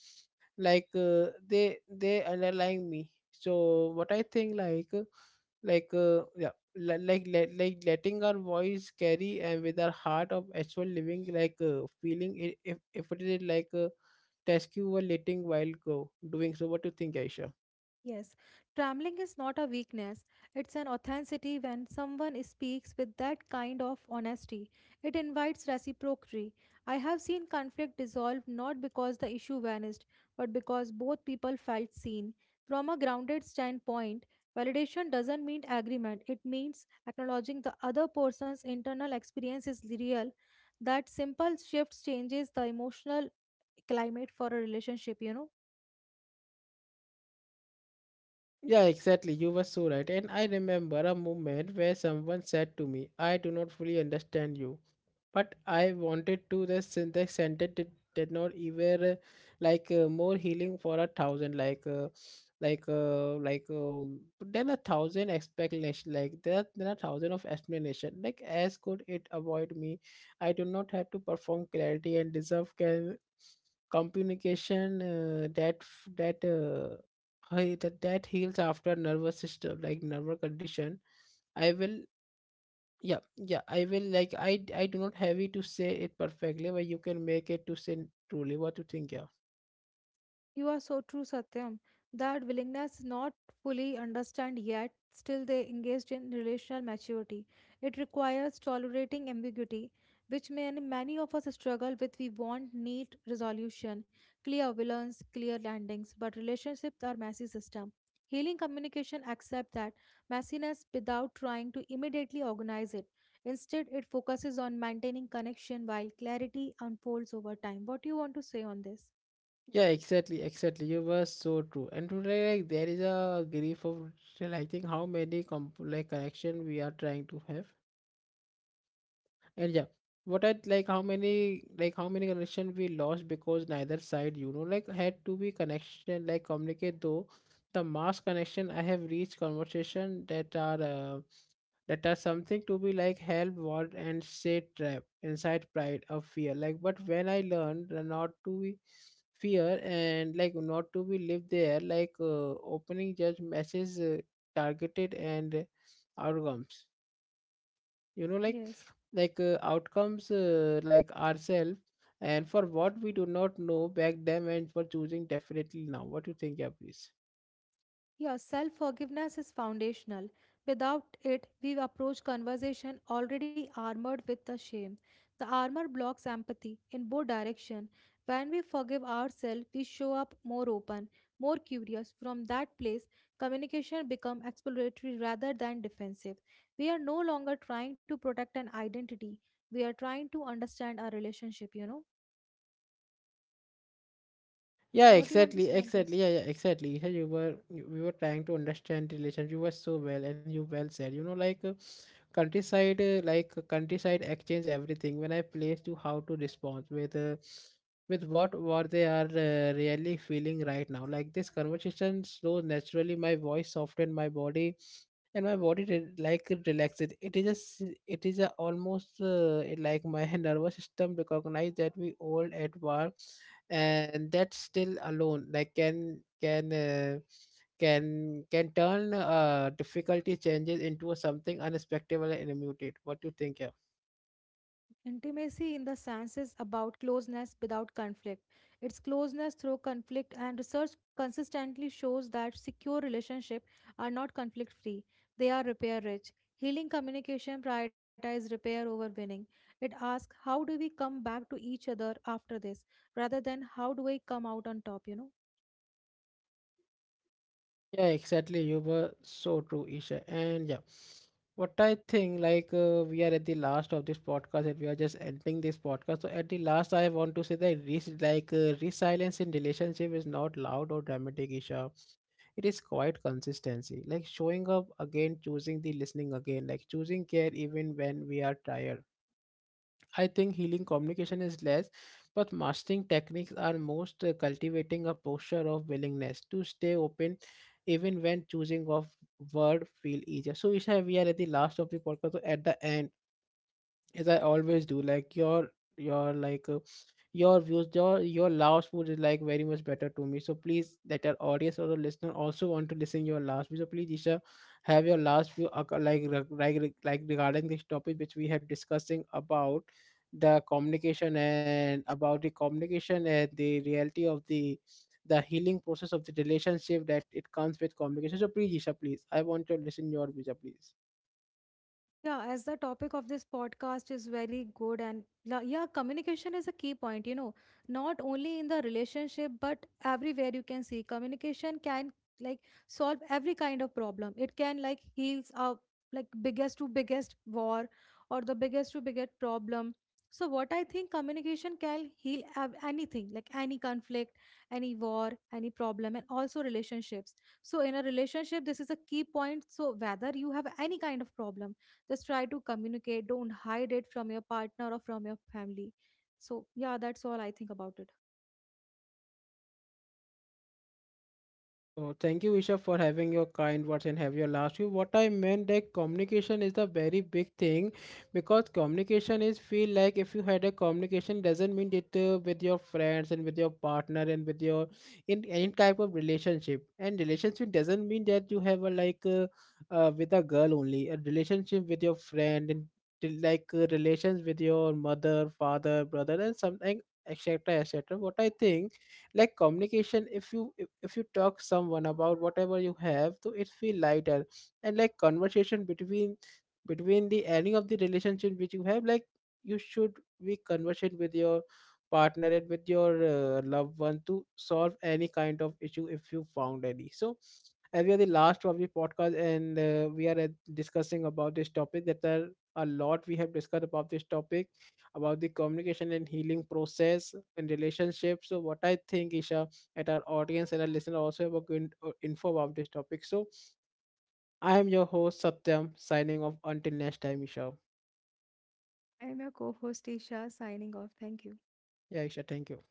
[SPEAKER 1] they underlying me. So what I think, like letting our voice carry, and with our heart of actual living, feeling it, if it is task you were letting while go doing. So what do you think, aisha?
[SPEAKER 2] Yes, traveling is not a weakness. It's an authenticity when someone speaks with that kind of honesty. It invites reciprocity. I have seen conflict dissolve not because the issue vanished, but because both people felt seen. From a grounded standpoint, validation doesn't mean agreement, it means acknowledging the other person's internal experience is real. That simple shift changes the emotional climate for a relationship, you know.
[SPEAKER 1] Yeah, exactly, you were so right. And I remember a moment where someone said to me, I do not fully understand you, but I wanted to the syntax center did not even, more healing for a thousand, then a thousand explanation, like there then a thousand of explanation, like as could it avoid me. I do not have to perform clarity, and deserve can communication, that f- that hi- that that heals after nervous system, like nervous condition. I will yeah yeah I will, like I do not have it to say it perfectly, but you can make it to say truly what you think. Yeah,
[SPEAKER 2] You are so true, Satyam. That willingness not fully understand yet, still they engaged in relational maturity. It requires tolerating ambiguity, which many of us struggle with. We want neat resolution, clear villains, clear landings, but relationships are messy system. Healing communication accepts that messiness without trying to immediately organize it. Instead, it focuses on maintaining connection while clarity unfolds over time. What do you want to say on this?
[SPEAKER 1] yeah, exactly. You were so true. And today, like, there is a grief of realizing how many connection we are trying to have. And yeah, what I like, how many, connection we lost, because neither side, you know, like had to be connection, like communicate though. The mass connection, I have reached conversation that are, that are something to be like help want, and stay trapped inside pride of fear. Like, but when I learned not to be fear, and like not to be live there, opening judge messages, targeted, and outcomes. You know,
[SPEAKER 2] Yes.
[SPEAKER 1] outcomes, like ourselves, and for what we do not know back them, and for choosing definitely now. What do you think? Yeah, please.
[SPEAKER 2] Yeah, self forgiveness is foundational. Without it, we approach conversation already armored with the shame. The armor blocks empathy in both directions. When we forgive ourselves, we show up more open, more curious. From that place, communication becomes exploratory rather than defensive. We are no longer trying to protect an identity. We are trying to understand our relationship.
[SPEAKER 1] Yeah,
[SPEAKER 2] What do you want to
[SPEAKER 1] exactly,
[SPEAKER 2] say on
[SPEAKER 1] exactly.
[SPEAKER 2] this?
[SPEAKER 1] Yeah, yeah, exactly. Isha, we were trying to understand relations. You were so well, and you well said. You know, countryside, countryside exchange everything. When I placed you, how to respond with what they are, really feeling right now. Like this conversation slows naturally. My voice softened. My body, and my body re- like it relaxes. It is a almost, it like my nervous system recognize that we all at war, and that's still alone. Like can turn difficulty changes into something unexpected and immediate. What do you think? Yeah,
[SPEAKER 2] Intimacy in the sense is about closeness without conflict. It's closeness through conflict, and research consistently shows that secure relationships are not conflict free, they are repair rich. Healing communication prioritizes repair over winning. It asks, how do we come back to each other after this? Rather than how do we come out on top,
[SPEAKER 1] yeah, exactly. You were so true, Isha. And yeah, what I think, we are at the last of this podcast, and we are just ending this podcast. So at the last, I want to say that resilience in relationship is not loud or dramatic, Isha. It is quite consistency, like showing up again, choosing the listening again, like choosing care even when we are tired. I think healing communication is less, but mastering techniques are most, cultivating a posture of willingness to stay open even when choosing of word feel easier. So Isha, we are at the last of the podcast, so at the end, as I always do, your like uh, your views, your last food is like very much better to me. So please, that our audience or the listener also want to listen your last view. So please, Isha, have your last view like regarding this topic which we have discussing about the communication, and the reality of the healing process of the relationship that it comes with communication. So please, Isha, please, I want to listen your view, please.
[SPEAKER 2] Yeah, as the topic of this podcast is very good, and yeah, communication is a key point, you know, not only in the relationship, but everywhere you can see communication can like solve every kind of problem. It can like heals up like biggest to biggest war or the biggest to biggest problem. So what I think communication can heal anything, like any conflict, any war, any problem, and also relationships. So in a relationship, this is a key point. So whether you have any kind of problem, just try to communicate. Don't hide it from your partner or from your family. So yeah, that's all I think about it.
[SPEAKER 1] So thank you, Isha, for having your kind words and have your last view. What I meant that communication is a very big thing, because communication is feel like, if you had a communication, doesn't mean it, with your friends, and with your partner, and with your, in any type of relationship. And relationship doesn't mean that you have a, with a girl only, a relationship with your friend, and till, relations with your mother, father, brother, and something etc. etc. What I think, like communication, if you talk someone about whatever you have, so it feel lighter. And like conversation between the any of the relationship which you have, like you should be conversation with your partner, and with your loved one, to solve any kind of issue if you found any. So as we are the last of the podcast, and we are, discussing about this topic, that there are a lot we have discussed about this topic, about the communication and healing process in relationships. So what I think, Isha, at our audience and our listener also about good info about this topic. So I am your host Satyam, signing off until next time, Isha.
[SPEAKER 2] I am your co host Isha signing off. Thank you.
[SPEAKER 1] Yeah, Isha, thank you.